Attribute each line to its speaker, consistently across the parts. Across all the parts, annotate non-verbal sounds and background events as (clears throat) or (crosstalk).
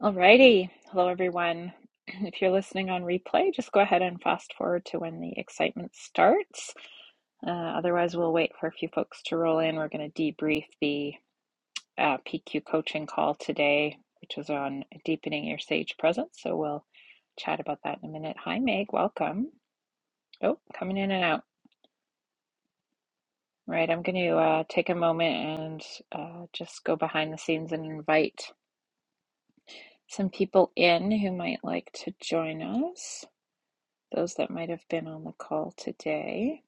Speaker 1: Alrighty. Hello, everyone. (clears throat) If you're listening on replay, just go ahead and fast forward to when the excitement starts. Uh, otherwise, we'll wait for a few folks to roll in. We're going to debrief the uh, PQ coaching call today, which is on deepening your sage presence. So we'll chat about that in a minute. Hi, Meg. Welcome. Oh, coming in and out. All Right. I'm going to uh, take a moment and uh, just go behind the scenes and invite some people in who might like to join us. those that might have been on the call today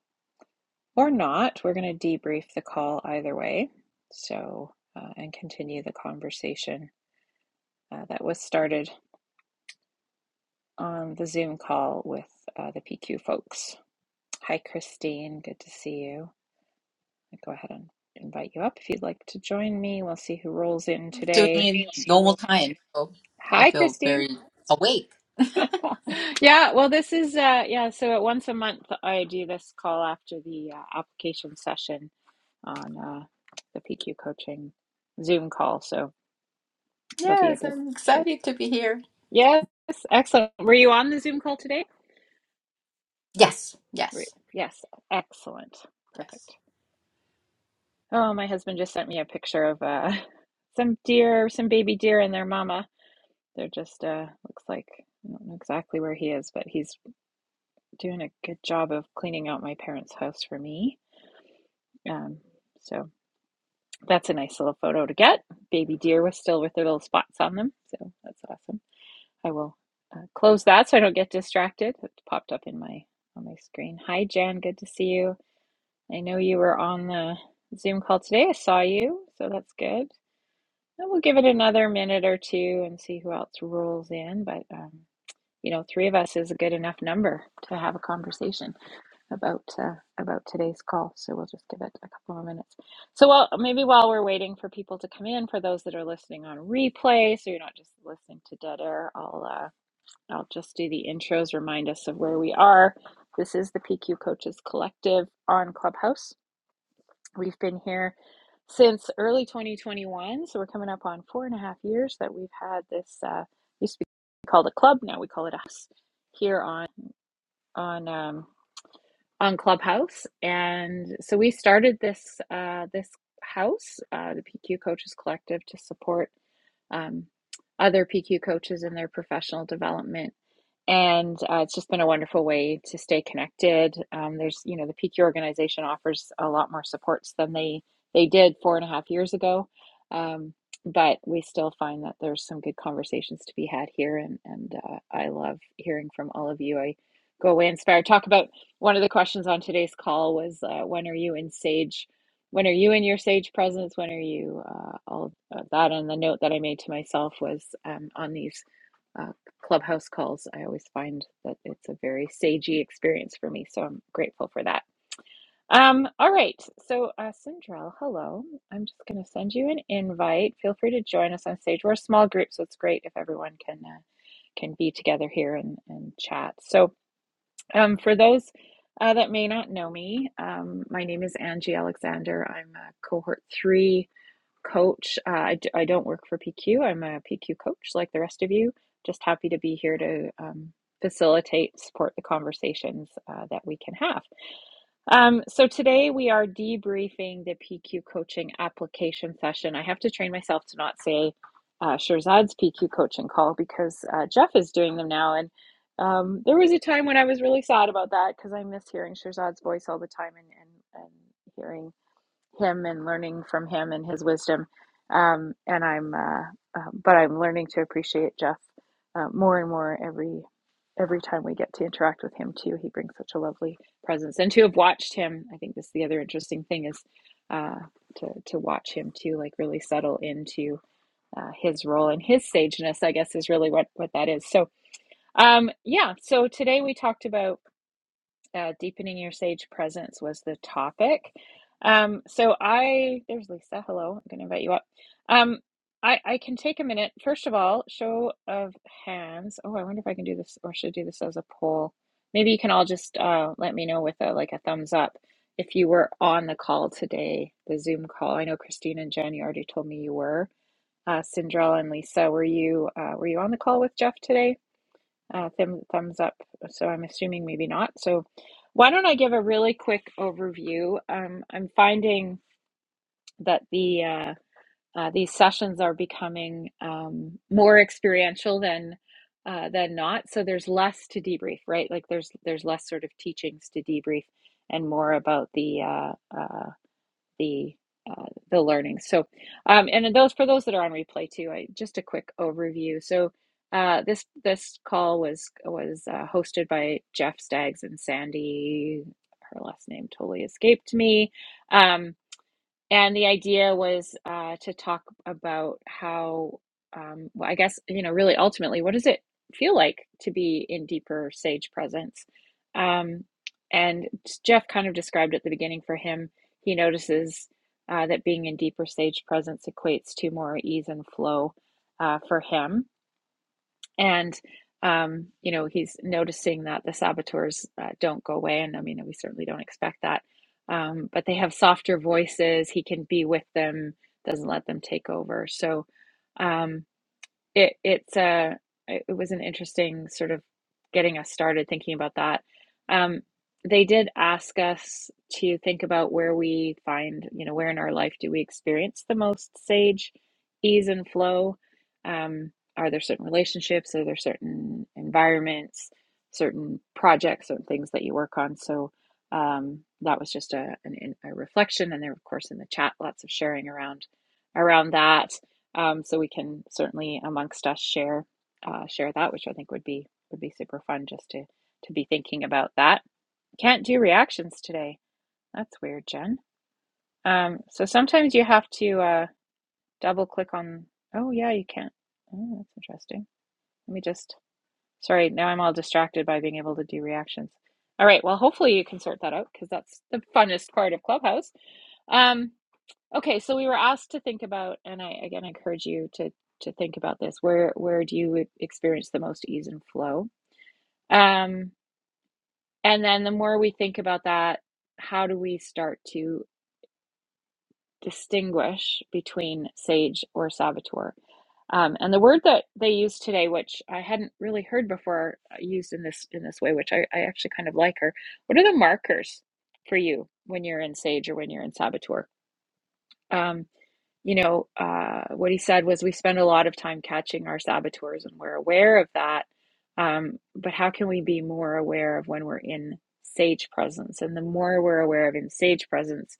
Speaker 1: or not. We're going to debrief the call either way. So, uh, and continue the conversation uh, that was started on the Zoom call with uh, the PQ folks. Hi, Christine. Good to see you. I'll go ahead and invite you up if you'd like to join me. We'll see who rolls in
Speaker 2: doing
Speaker 1: today.
Speaker 2: it normal time. So I
Speaker 1: Hi,
Speaker 2: feel
Speaker 1: Christine.
Speaker 2: very awake.
Speaker 1: (laughs) yeah, well, this is, uh, yeah, so once a month I do this call after the uh, application session on uh, the PQ coaching Zoom call. So it'll be a
Speaker 2: Yes,
Speaker 1: good,
Speaker 2: I'm
Speaker 1: good.
Speaker 2: excited to be here.
Speaker 1: Yes, excellent. Were you on the Zoom call today?
Speaker 2: Yes, yes,
Speaker 1: Yes, excellent.
Speaker 2: yes.
Speaker 1: Perfect. Oh, my husband just sent me a picture of uh, (laughs) some deer, some baby deer and their mama. They're just, uh, looks like, I don't know exactly where he is, but he's doing a good job of cleaning out my parents' house for me. Um, so that's a nice little photo to get. Baby deer was still with their little spots on them. So that's awesome. I will uh, close that so I don't get distracted. It popped up in my on my screen. Hi, Jan. Good to see you. I know you were on the Zoom call today. I saw you, so that's good. And we'll give it another minute or two and see who else rolls in. But um, you know, three of us is a good enough number to have a conversation about uh, about today's call. So we'll just give it a couple more minutes. So while maybe while we're waiting for people to come in, for those that are listening on replay, so you're not just listening to dead air, I'll. Uh, I'll just do the intros, remind us of where we are. This is the PQ Coaches Collective on Clubhouse. We've been here since early 2021, so we're coming up on four and a half years that we've had this. Uh, used to be called a club, now we call it a house here on on. um, on Clubhouse, and so we started this uh, this house, uh, the PQ Coaches Collective, to support um, other PQ coaches in their professional development. And uh, it's just been a wonderful way to stay connected. Um, there's, you know, the PQ organization offers a lot more supports than they they did four and a half years ago. Um, but we still find that there's some good conversations to be had here, and and uh, I love hearing from all of you. I go away inspired. Talk about one of the questions on today's call was uh, when are you in Sage? When are you in your Sage presence? When are you uh, all of that? And the note that I made to myself was um, on these uh, clubhouse calls, I always find that it's a very sagey experience for me. So I'm grateful for that. Um, all right. So, uh, Sindrel, hello. I'm just going to send you an invite. Feel free to join us on stage. We're a small group, so it's great if everyone can uh, can be together here and, and chat. So, um, for those uh, that may not know me, um, my name is Angie Alexander. I'm a cohort three coach. Uh, I, d- I don't work for PQ, I'm a PQ coach like the rest of you. Just happy to be here to um, facilitate, support the conversations uh, that we can have. Um, so today we are debriefing the PQ coaching application session. I have to train myself to not say uh, Shirzad's PQ coaching call because uh, Jeff is doing them now. And um, there was a time when I was really sad about that because I miss hearing Shirzad's voice all the time and, and, and hearing him and learning from him and his wisdom. Um, and I'm, uh, uh, but I'm learning to appreciate Jeff uh, more and more every every time we get to interact with him too. He brings such a lovely presence, and to have watched him, I think this is the other interesting thing is uh, to to watch him too, like really settle into uh, his role and his sageness. I guess is really what what that is. So um, yeah. So today we talked about uh, deepening your sage presence was the topic. Um, so I, there's Lisa. Hello, I'm going to invite you up. Um, I, I can take a minute. First of all, show of hands. Oh, I wonder if I can do this, or should I do this as a poll? Maybe you can all just uh, let me know with a like a thumbs up if you were on the call today, the Zoom call. I know Christine and Jen, you already told me you were. Uh, Cinderella and Lisa, were you uh, were you on the call with Jeff today? Uh, thumb, thumbs up. So I'm assuming maybe not. So why don't I give a really quick overview? Um, I'm finding that the uh, uh, these sessions are becoming um, more experiential than uh, than not. So there's less to debrief, right? Like there's there's less sort of teachings to debrief and more about the uh, uh, the uh, the learning. So, um, and then those for those that are on replay too, I just a quick overview. So, uh, this this call was was uh, hosted by Jeff Staggs and Sandy. Her last name totally escaped me. Um, and the idea was uh, to talk about how, um, well, I guess, you know, really ultimately, what does it feel like to be in deeper sage presence? Um, and Jeff kind of described at the beginning for him, he notices uh, that being in deeper sage presence equates to more ease and flow uh, for him and um, you know he's noticing that the saboteurs uh, don't go away and i mean we certainly don't expect that um, but they have softer voices he can be with them doesn't let them take over so um, it it's a it it was an interesting sort of getting us started thinking about that. Um, they did ask us to think about where we find, you know, where in our life do we experience the most sage ease and flow? Um, are there certain relationships? Are there certain environments, certain projects, certain things that you work on? So um, that was just a, an, a reflection, and there, of course, in the chat, lots of sharing around around that um, so we can certainly amongst us share uh, share that, which I think would be would be super fun just to to be thinking about that. Can't do reactions today. That's weird, Jen. Um, so sometimes you have to uh, double click on. Oh yeah, you can't. Oh, that's interesting. Let me just. Sorry, now I'm all distracted by being able to do reactions. All right. Well, hopefully you can sort that out because that's the funnest part of Clubhouse. Um, Okay, so we were asked to think about, and I again encourage you to to think about this. Where where do you e- experience the most ease and flow? Um, and then the more we think about that, how do we start to distinguish between sage or saboteur? Um, and the word that they used today, which I hadn't really heard before uh, used in this in this way, which I, I actually kind of like her. What are the markers for you when you're in sage or when you're in saboteur? Um, you know, uh, what he said was we spend a lot of time catching our saboteurs and we're aware of that. Um, but how can we be more aware of when we're in sage presence? And the more we're aware of in sage presence,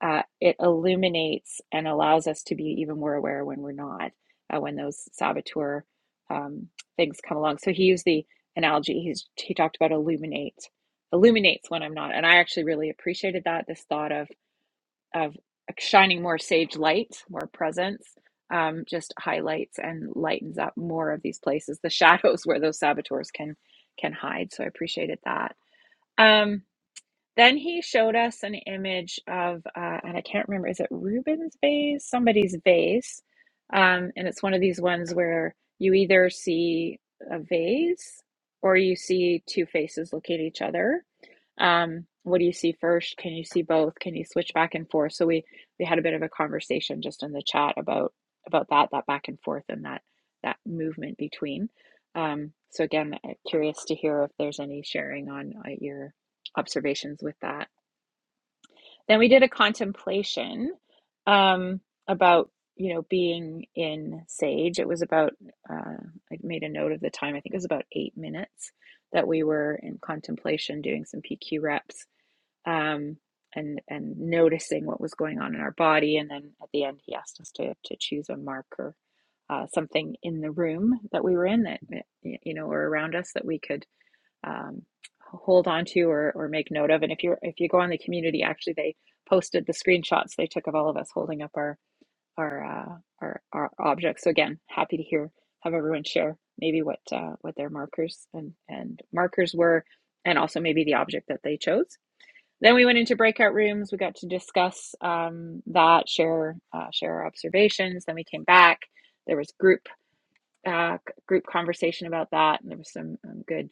Speaker 1: uh, it illuminates and allows us to be even more aware when we're not, uh, when those saboteur um, things come along. So he used the analogy, he's, he talked about illuminate, illuminates when I'm not. And I actually really appreciated that, this thought of of shining more sage light, more presence, um, just highlights and lightens up more of these places, the (laughs) shadows where those saboteurs can can hide. So I appreciated that. Um, then he showed us an image of, uh, and I can't remember, is it Rubens' vase? Somebody's vase, um, and it's one of these ones where you either see a vase or you see two faces look at each other um, what do you see first? Can you see both? Can you switch back and forth? So we we had a bit of a conversation just in the chat about about that that back and forth and that that movement between. Um, so again, uh, curious to hear if there's any sharing on uh, your observations with that. Then we did a contemplation um, about you know being in sage. It was about uh, I made a note of the time. I think it was about eight minutes that we were in contemplation doing some PQ reps um, and and noticing what was going on in our body. And then at the end, he asked us to to choose a marker, uh, something in the room that we were in that you know or around us that we could um, hold on to or or make note of. And if you if you go on the community, actually they posted the screenshots they took of all of us holding up our our uh, our, our objects. So again, happy to hear have everyone share maybe what uh, what their markers and and markers were and also maybe the object that they chose then we went into breakout rooms. We got to discuss um, that, share uh, share our observations. Then we came back. There was group uh, group conversation about that, and there was some um, good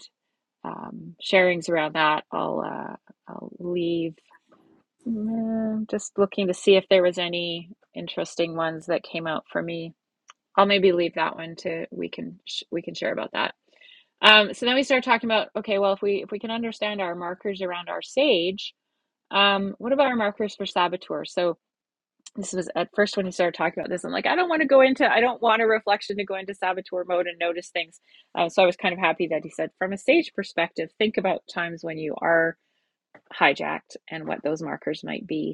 Speaker 1: um, sharings around that. I'll uh, I'll leave. Mm, Just looking to see if there was any interesting ones that came out for me. I'll maybe leave that one to we can sh- we can share about that. Um, so then we started talking about okay, well if we if we can understand our markers around our sage, um, what about our markers for saboteur? So this was at first when he started talking about this, I'm like, I don't want to go into, I don't want a reflection to go into saboteur mode and notice things. Uh, so I was kind of happy that he said, from a stage perspective, think about times when you are hijacked and what those markers might be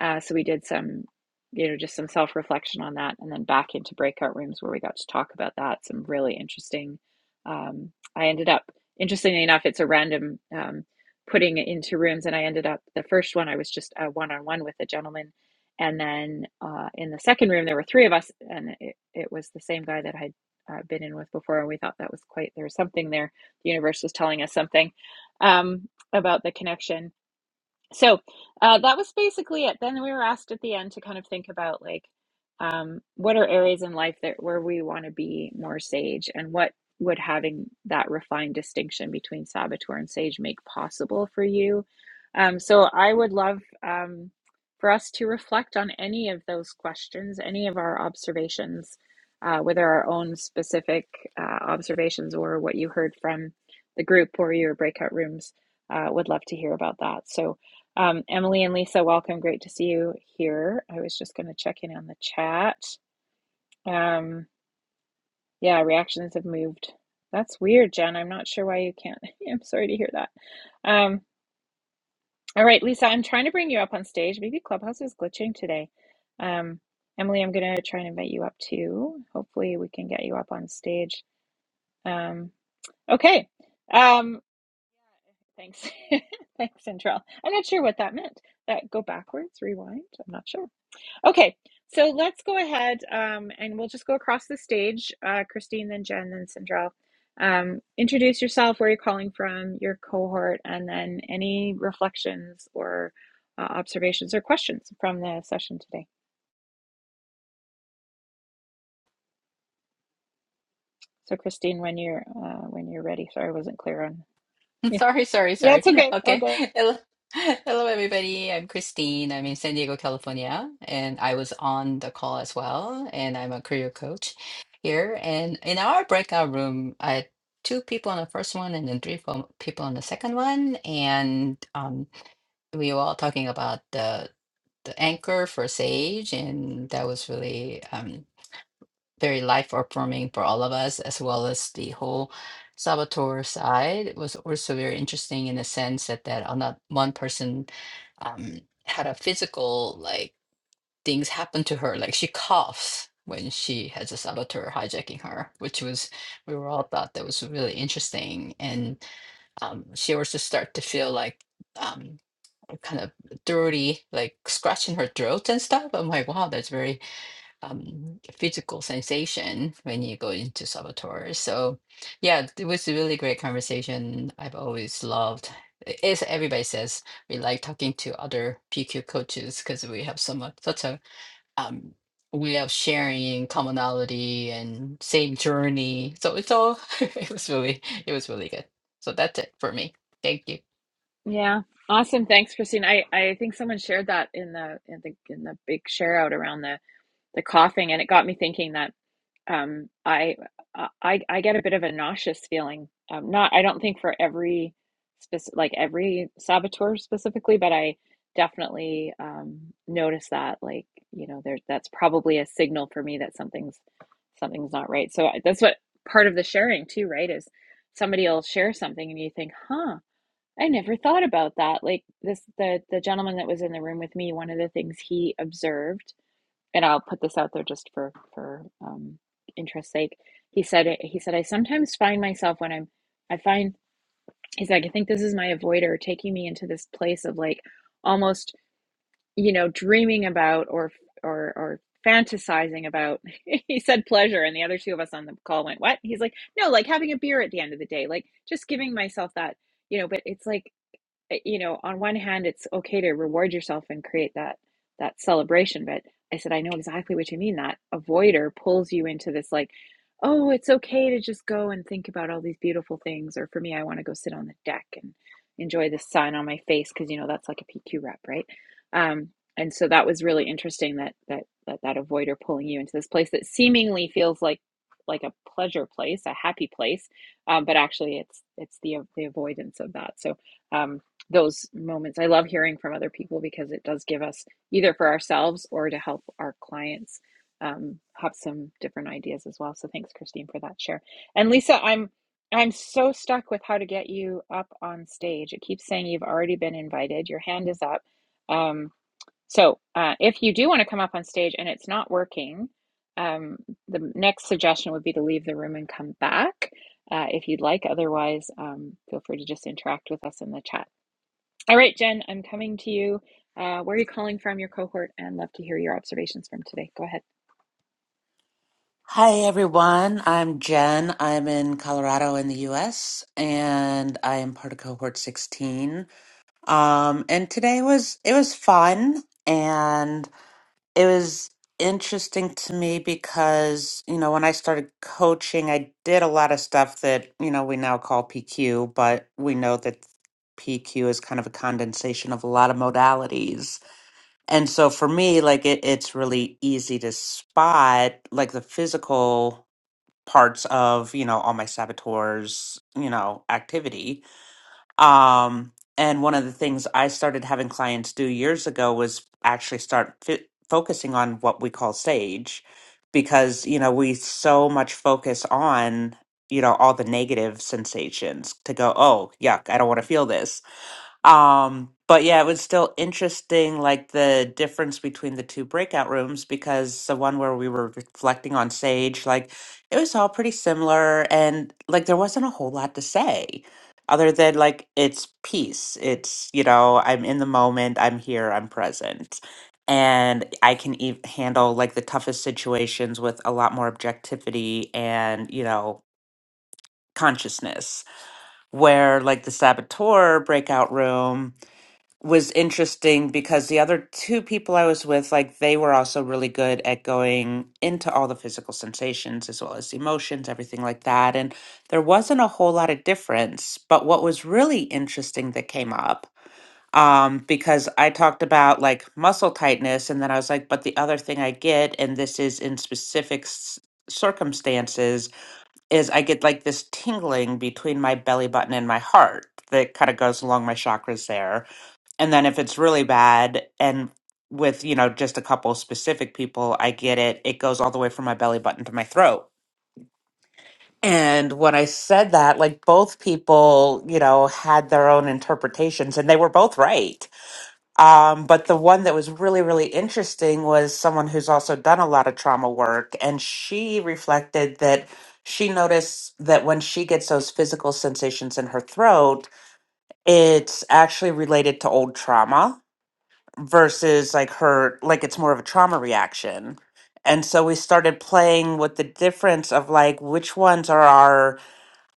Speaker 1: uh, so we did some, you know, just some self reflection on that, and then back into breakout rooms where we got to talk about that. Some really interesting. Um, I ended up, interestingly enough, it's a random um, putting into rooms, and I ended up the first one I was just a one on one with a gentleman, and then uh, in the second room there were three of us, and it, it was the same guy that I. had Uh, been in with before, and we thought that was quite there was something there. The universe was telling us something um, about the connection, so uh, that was basically it then we were asked at the end to kind of think about like um, what are areas in life that where we want to be more sage and what would having that refined distinction between saboteur and sage make possible for you um, so i would love um, for us to reflect on any of those questions any of our observations uh, whether our own specific uh, observations or what you heard from the group or your breakout rooms uh, would love to hear about that so um, Emily and Lisa, welcome. Great to see you here. I was just going to check in on the chat. Um, yeah, reactions have moved. That's weird, Jen. I'm not sure why you can't. (laughs) I'm sorry to hear that. Um, all right, Lisa, I'm trying to bring you up on stage. Maybe Clubhouse is glitching today. Um, Emily, I'm going to try and invite you up too. Hopefully, we can get you up on stage. Um, okay. Um, thanks. (laughs) thanks, Central. I'm not sure what that meant. That go backwards, rewind? I'm not sure. Okay, so let's go ahead um, and we'll just go across the stage. Uh, Christine, then Jen, then Sandrell. Um, introduce yourself, where you're calling from, your cohort, and then any reflections or uh, observations or questions from the session today. So, Christine, when you're uh, when you're ready. Sorry, I wasn't clear on.
Speaker 2: (laughs)
Speaker 1: Yeah,
Speaker 2: Sorry, sorry,
Speaker 1: yeah,
Speaker 2: sorry.
Speaker 1: it's okay.
Speaker 2: Okay.
Speaker 1: Okay.
Speaker 2: Hello, hello everybody. I'm Christine. I'm in San Diego, California, and I was on the call as well. And I'm a career coach here. And in our breakout room, I had two people on the first one and then three fo- people on the second one. And um, we were all talking about the the anchor for Sage, and that was really um, very life affirming for all of us, as well as the whole Salvatore side. It was also very interesting in the sense that that on that one person um, had a physical like things happen to her, like she coughs when she has a saboteur hijacking her, which was we were all thought that was really interesting, and um, she also start to feel like. Um, kind of dirty, like scratching her throat and stuff. I'm like, wow, that's very um, physical sensation when you go into Salvatore. So, yeah, it was a really great conversation. I've always loved. As everybody says, we like talking to other PQ coaches because we have so much, such a um, we have sharing commonality and same journey. So it's all. (laughs) it was really, it was really good. So that's it for me. Thank you.
Speaker 1: Yeah, awesome. Thanks, Christine. I I think someone shared that in the in the in the big share out around the the coughing, and it got me thinking that um, I uh, I I get a bit of a nauseous feeling. Um, not I don't think for every specific like every saboteur specifically, but I definitely um, notice that like you know there that's probably a signal for me that something's something's not right. So that's what part of the sharing too, right? Is somebody will share something and you think, huh. I never thought about that. Like this, the the gentleman that was in the room with me, one of the things he observed and I'll put this out there just for for um, interest sake. He said he said I sometimes find myself when I'm I find he's like I think this is my avoider taking me into this place of like almost you know dreaming about or or or fantasizing about (laughs) he said pleasure and the other two of us on the call went what he's like no like having a beer at the end of the day like just giving myself that you know but it's like eh, you know, on one hand, it's okay to reward yourself and create that that celebration, but I said, I know exactly what you mean. That avoider pulls you into this like, oh, it's okay to just go and think about all these beautiful things. Or for me, I want to go sit on the deck and enjoy the sun on my face because you know that's like a PQ rep, right? Um, and so that was really interesting that that that that avoider pulling you into this place that seemingly feels like like a pleasure place, a happy place, um, but actually it's it's the the avoidance of that. So. Um, those moments. I love hearing from other people because it does give us either for ourselves or to help our clients um, have some different ideas as well. So thanks, Christine, for that share. And Lisa, I'm I'm so stuck with how to get you up on stage. It keeps saying you've already been invited. Your hand is up. Um, so uh, if you do want to come up on stage and it's not working, um, the next suggestion would be to leave the room and come back uh, if you'd like. Otherwise, um, feel free to just interact with us in the chat all right, Jen, I'm coming to you. Uh, where are you calling from, your cohort, and love to hear your observations from today. Go ahead.
Speaker 3: Hi everyone, I'm Jen. I'm in Colorado in the US and I am part of cohort 16. Um and today was it was fun and it was interesting to me because, you know, when I started coaching, I did a lot of stuff that, you know, we now call PQ, but we know that PQ is kind of a condensation of a lot of modalities. And so for me, like it, it's really easy to spot like the physical parts of you know all my saboteurs you know activity um and one of the things i started having clients do years ago was actually start fi- focusing on what we call sage because you know we so much focus on you know all the negative sensations to go oh yuck i don't want to feel this um, but yeah, it was still interesting, like the difference between the two breakout rooms, because the one where we were reflecting on Sage, like it was all pretty similar, and like there wasn't a whole lot to say other than like it's peace. It's, you know, I'm in the moment, I'm here, I'm present. And I can ev handle like the toughest situations with a lot more objectivity and, you know, consciousness. Where like the saboteur breakout room, was interesting because the other two people I was with, like they were also really good at going into all the physical sensations as well as emotions, everything like that. And there wasn't a whole lot of difference. But what was really interesting that came up, um, because I talked about like muscle tightness, and then I was like, but the other thing I get, and this is in specific s- circumstances, is I get like this tingling between my belly button and my heart that kind of goes along my chakras there and then if it's really bad and with, you know, just a couple specific people, I get it. It goes all the way from my belly button to my throat. And when I said that, like both people, you know, had their own interpretations and they were both right. Um, but the one that was really, really interesting was someone who's also done a lot of trauma work. And she reflected that she noticed that when she gets those physical sensations in her throat, it's actually related to old trauma versus like her like it's more of a trauma reaction and so we started playing with the difference of like which ones are our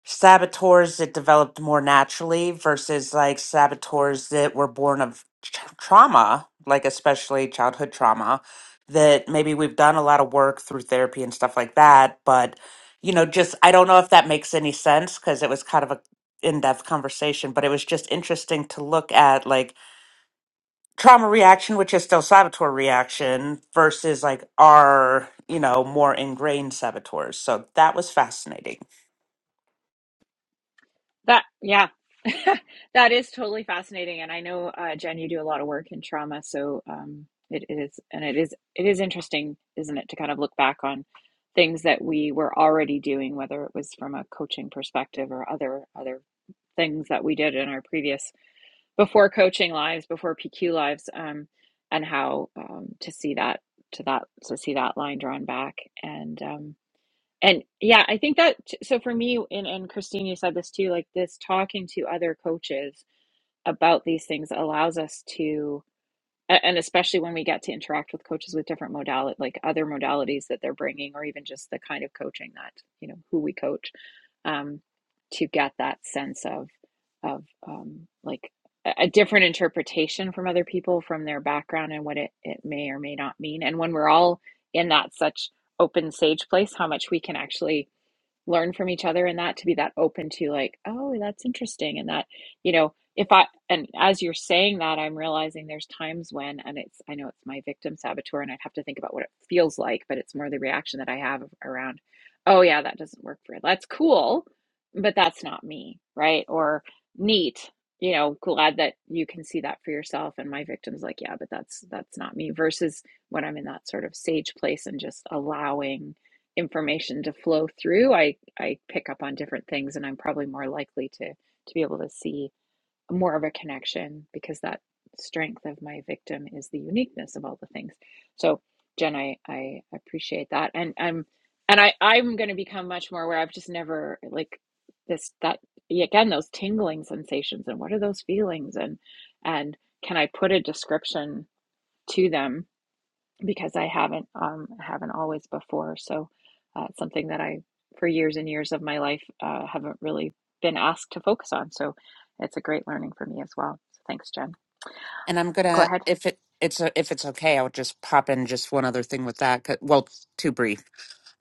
Speaker 3: saboteurs that developed more naturally versus like saboteurs that were born of tra- trauma like especially childhood trauma that maybe we've done a lot of work through therapy and stuff like that but you know just i don't know if that makes any sense because it was kind of a in-depth conversation but it was just interesting to look at like trauma reaction, which is still saboteur reaction, versus like our, you know, more ingrained saboteurs. So that was fascinating.
Speaker 1: That, yeah, (laughs) that is totally fascinating. And I know, uh, Jen, you do a lot of work in trauma, so um, it is, and it is, it is interesting, isn't it, to kind of look back on things that we were already doing, whether it was from a coaching perspective or other other things that we did in our previous before coaching lives, before PQ lives, um, and how um, to see that to that to see that line drawn back and um, and yeah, I think that so for me and and Christine, you said this too, like this talking to other coaches about these things allows us to a- and especially when we get to interact with coaches with different modality like other modalities that they're bringing or even just the kind of coaching that you know who we coach um, to get that sense of of um, like a a different interpretation from other people from their background and what it, it may or may not mean and when we're all in that such open sage place how much we can actually learn from each other and that to be that open to like oh that's interesting and that you know if i and as you're saying that i'm realizing there's times when and it's i know it's my victim saboteur and i'd have to think about what it feels like but it's more the reaction that i have around oh yeah that doesn't work for you. that's cool but that's not me right or neat you know glad that you can see that for yourself and my victim's like yeah but that's that's not me versus when i'm in that sort of sage place and just allowing information to flow through i i pick up on different things and i'm probably more likely to to be able to see more of a connection because that strength of my victim is the uniqueness of all the things so jen i i appreciate that and i'm and i i'm going to become much more aware i've just never like this that again those tingling sensations and what are those feelings and and can i put a description to them because I haven't um haven't always before. So uh, it's something that I for years and years of my life uh, haven't really been asked to focus on. So it's a great learning for me as well. So thanks, Jen.
Speaker 3: And I'm
Speaker 1: Go
Speaker 3: gonna,
Speaker 1: ahead.
Speaker 3: if it it's a, if it's okay, I'll just pop in just one other thing with that. 'cause- Well, two brief.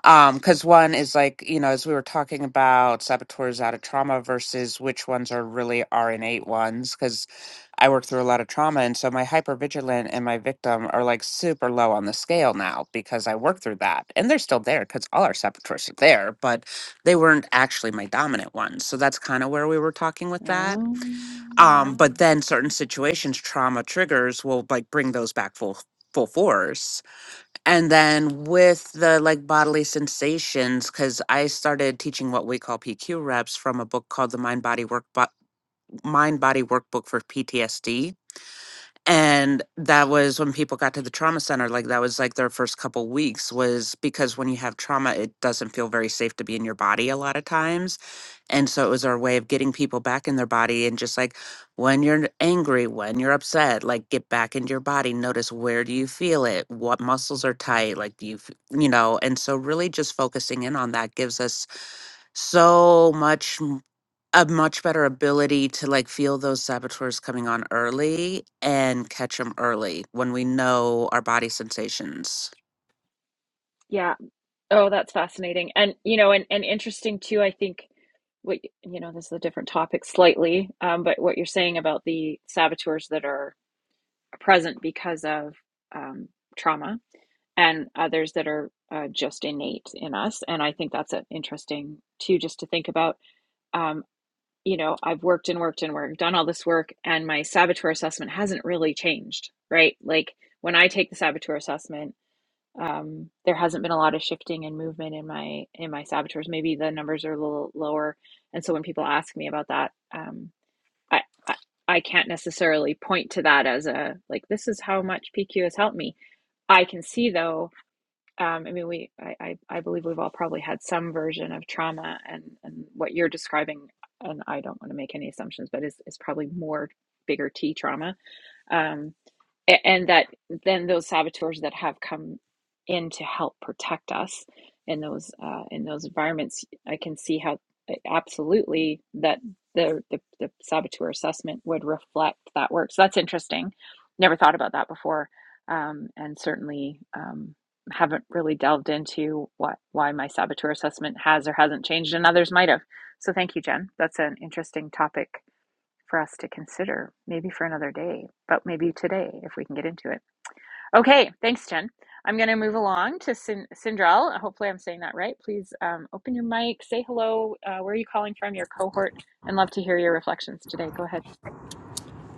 Speaker 3: Um, because one is like, you know, as we were talking about saboteurs out of trauma versus which ones are really our innate ones, because I worked through a lot of trauma. And so my hypervigilant and my victim are like super low on the scale now because I worked through that. And they're still there because all our saboteurs are there, but they weren't actually my dominant ones. So that's kind of where we were talking with that. Um,
Speaker 1: Um,
Speaker 3: but then certain situations, trauma triggers will like bring those back full full force. And then with the like bodily sensations, because I started teaching what we call PQ reps from a book called the Mind Body Work Bo- Mind Body Workbook for PTSD. And that was when people got to the trauma center, like that was like their first couple weeks was because when you have trauma, it doesn't feel very safe to be in your body a lot of times. And so it was our way of getting people back in their body and just like when you're angry, when you're upset, like get back into your body, notice where do you feel it? What muscles are tight? Like do you, f- you know, and so really just focusing in on that gives us so much m- a much better ability to like feel those saboteurs coming on early and catch them early when we know our body sensations.
Speaker 1: yeah. Oh, that's fascinating. And you know, and, and interesting too, I think what y- you know, this is a different topic slightly, um, but what you're saying about the saboteurs that are present because of um, trauma and others that are uh, just innate in us. And I think that's an interesting too, just to think about. Um, you know, I've worked and worked and worked, done all this work, and my saboteur assessment hasn't really changed, right? Like when I take the saboteur assessment, um, there hasn't been a lot of shifting and movement in my in my saboteurs. Maybe the numbers are a little lower, and so when people ask me about that, um, I, I I can't necessarily point to that as a like this is how much PQ has helped me. I can see though um, I mean, we, I, I, I believe we've all probably had some version of trauma, and and what you're describing, and I don't want to make any assumptions, but is is probably more bigger T trauma. Um, a- and that then those saboteurs that have come in to help protect us in those uh, in those environments, I can see how uh, absolutely that the, the the saboteur assessment would reflect that work. So that's interesting. Never thought about that before, um, and certainly um, haven't really delved into what why my saboteur assessment has or hasn't changed, and others might have. So thank you, Jen. That's an interesting topic for us to consider, maybe for another day, but maybe today if we can get into it. Okay, thanks, Jen. I'm going to move along to Sin- Sindral. Hopefully, I'm saying that right. Please um, open your mic, say hello. Uh, where are you calling from? Your cohort, and love to hear your reflections today. Go ahead.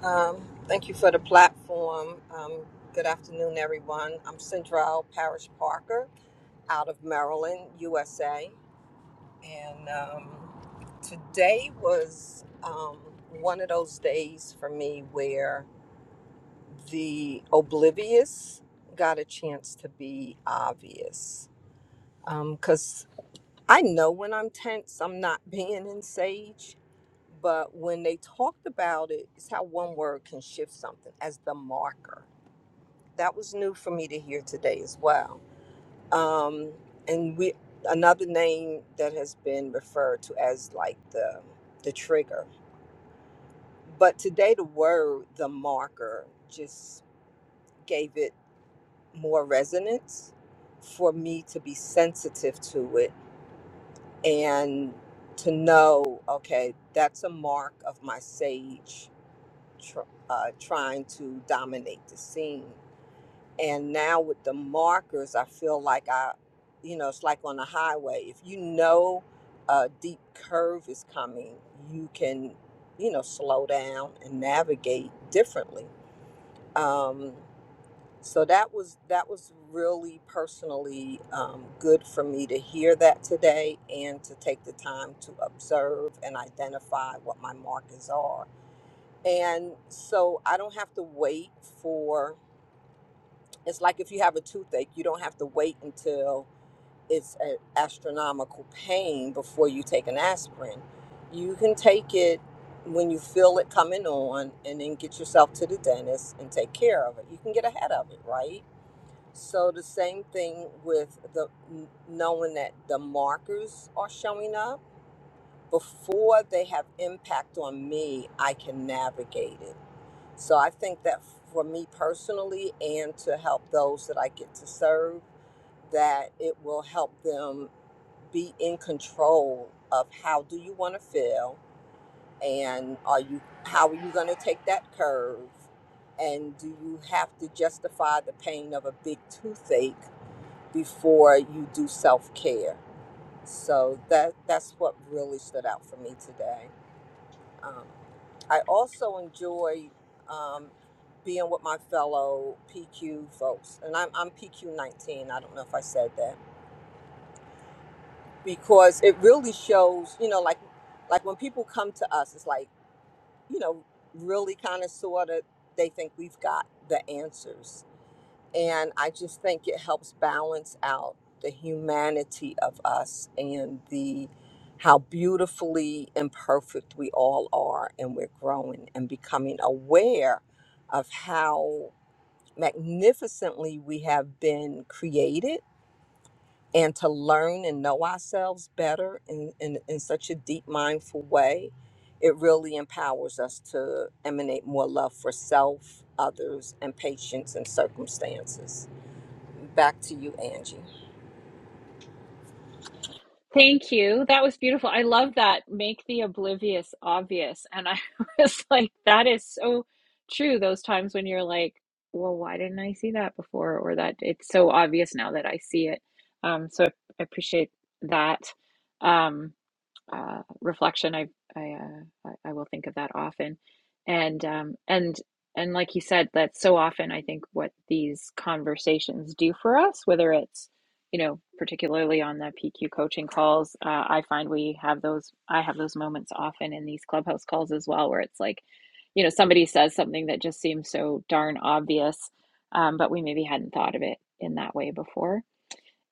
Speaker 4: Um, thank you for the platform. Um, good afternoon, everyone. I'm Central Parish Parker out of Maryland, USA. And um, today was um, one of those days for me where the oblivious got a chance to be obvious. Because I know when I'm tense, I'm not (laughs) being in Sage but when they talked about it, it's how one word can shift something as the marker. that was new for me to hear today as well. Um, and we another name that has been referred to as like the the trigger, but today the word the marker just gave it more resonance for me to be sensitive to it and to know okay that's a mark of my sage tr- uh, trying to dominate the scene and now with the markers i feel like i you know it's like on a highway if you know a deep curve is coming you can you know slow down and navigate differently um, so that was that was really personally um, good for me to hear that today and to take the time to observe and identify what my markers are and so i don't have to wait for it's like if you have a toothache, you don't have to wait until it's an astronomical pain before you take an aspirin. You can take it when you feel it coming on and then get yourself to the dentist and take care of it. You can get ahead of it, right? So the same thing with the knowing that the markers are showing up before they have impact on me, I can navigate it. So I think that for me personally and to help those that I get to serve, that it will help them be in control of how do you want to feel and are you how are you going to take that curve and do you have to justify the pain of a big toothache before you do self-care so that that's what really stood out for me today um, I also enjoy um, being with my fellow PQ folks, and I'm, I'm PQ 19. I don't know if I said that because it really shows, you know, like like when people come to us, it's like you know, really kind of sort of they think we've got the answers, and I just think it helps balance out the humanity of us and the how beautifully imperfect we all are and we're growing and becoming aware of how magnificently we have been created and to learn and know ourselves better in, in, in such a deep mindful way it really empowers us to emanate more love for self others and patience and circumstances Back to you, Angie.
Speaker 1: Thank you. That was beautiful. I love that. Make the oblivious obvious. And I (laughs) was like, that is so true. Those times when you're like, well, why didn't I see that before? Or that it's so obvious now that I see it. Um, so I appreciate that. Um, uh, reflection. I I, uh, I will think of that often, and um, and and like you said, that's so often I think what these conversations do for us, whether it's you know particularly on the PQ coaching calls, uh, I find we have those. I have those moments often in these clubhouse calls as well, where it's like, you know, somebody says something that just seems so darn obvious, um, but we maybe hadn't thought of it in that way before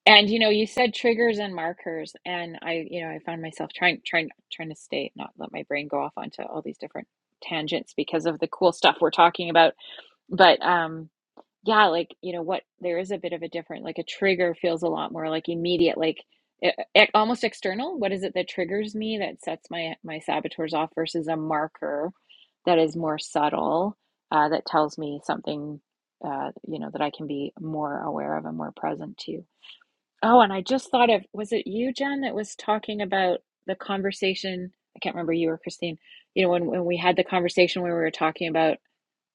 Speaker 1: and you know, you said triggers and markers, and I, you know, I found myself trying, trying, trying to stay, not let my brain go off onto all these different tangents because of the cool stuff we're talking about. But um, yeah, like you know, what there is a bit of a different, like a trigger feels a lot more like immediate, like it, almost external. What is it that triggers me that sets my my saboteurs off versus a marker that is more subtle, uh, that tells me something, uh, you know, that I can be more aware of and more present to. Oh, and I just thought of, was it you, Jen, that was talking about the conversation? I can't remember you or Christine. You know, when, when we had the conversation where we were talking about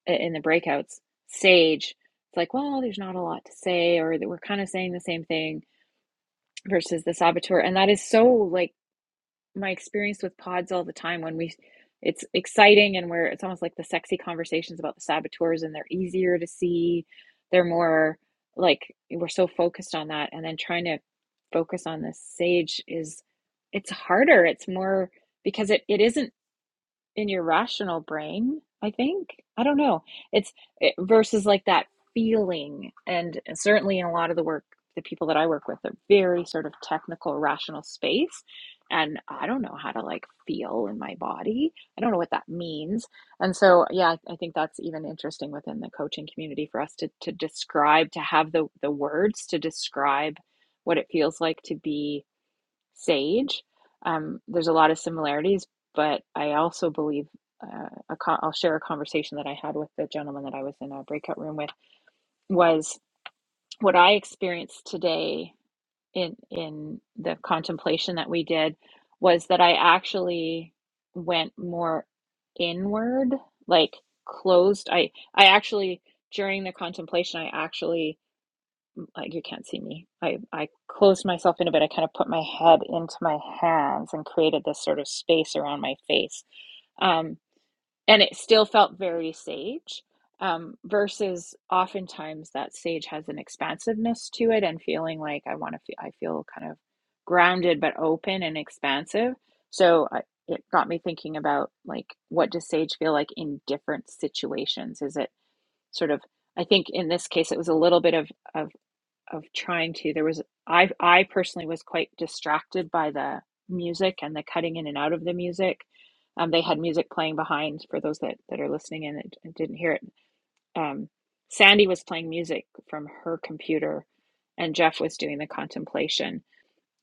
Speaker 1: i- in the breakouts, sage, it's like, well, there's not a lot to say, or that we're kind of saying the same thing versus the saboteur. And that is so like my experience with pods all the time when we it's exciting and we're it's almost like the sexy conversations about the saboteurs and they're easier to see they're more like we're so focused on that and then trying to focus on the sage is it's harder it's more because it, it isn't in your rational brain, I think. I don't know. It's it, versus like that feeling. And eh, certainly in a lot of the work, the people that I work with are very sort of technical, rational space. And I don't know how to like feel in my body. I don't know what that means. And so, yeah, I I think that's even interesting within the coaching community for us to, to describe, to have the, the words to describe what it feels like to be sage. Um, there's a lot of similarities, but I also believe uh, a co- I'll share a conversation that I had with the gentleman that I was in a breakout room with was what I experienced today in in the contemplation that we did was that I actually went more inward, like closed. I I actually during the contemplation I actually like you can't see me. I, I closed myself in a bit. I kind of put my head into my hands and created this sort of space around my face. Um, and it still felt very sage. Um, versus oftentimes that sage has an expansiveness to it and feeling like I want to feel, I feel kind of grounded but open and expansive. So I, it got me thinking about like what does sage feel like in different situations? Is it sort of I think in this case it was a little bit of of of trying to there was i i personally was quite distracted by the music and the cutting in and out of the music um, they had music playing behind for those that, that are listening and, it, and didn't hear it um, sandy was playing music from her computer and jeff was doing the contemplation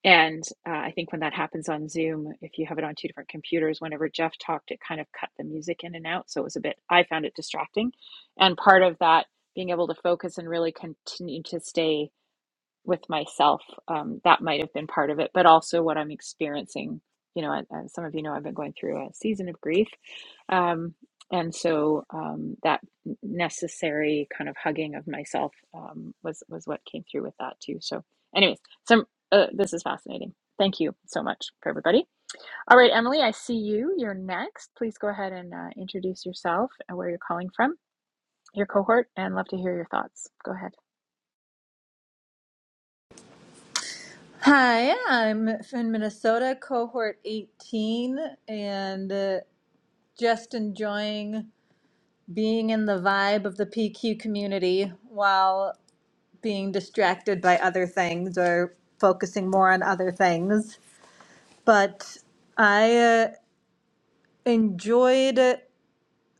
Speaker 1: and uh, i think when that happens on zoom if you have it on two different computers whenever jeff talked it kind of cut the music in and out so it was a bit i found it distracting and part of that being able to focus and really continue to stay with myself. Um, that might have been part of it, but also what I'm experiencing. You know, and, some of you know I've been going through a season of grief, um, and so um, that necessary kind of hugging of myself um, was was what came through with that too. So, anyways, some uh, this is fascinating. Thank you so much for everybody. All right, Emily, I see you. You're next. Please go ahead and uh, introduce yourself and where you're calling from, your cohort, and love to hear your thoughts. Go ahead.
Speaker 5: Hi, I'm from Minnesota, cohort 18, and uh, just enjoying being in the vibe of the PQ community while being distracted by other things or focusing more on other things. But I uh, enjoyed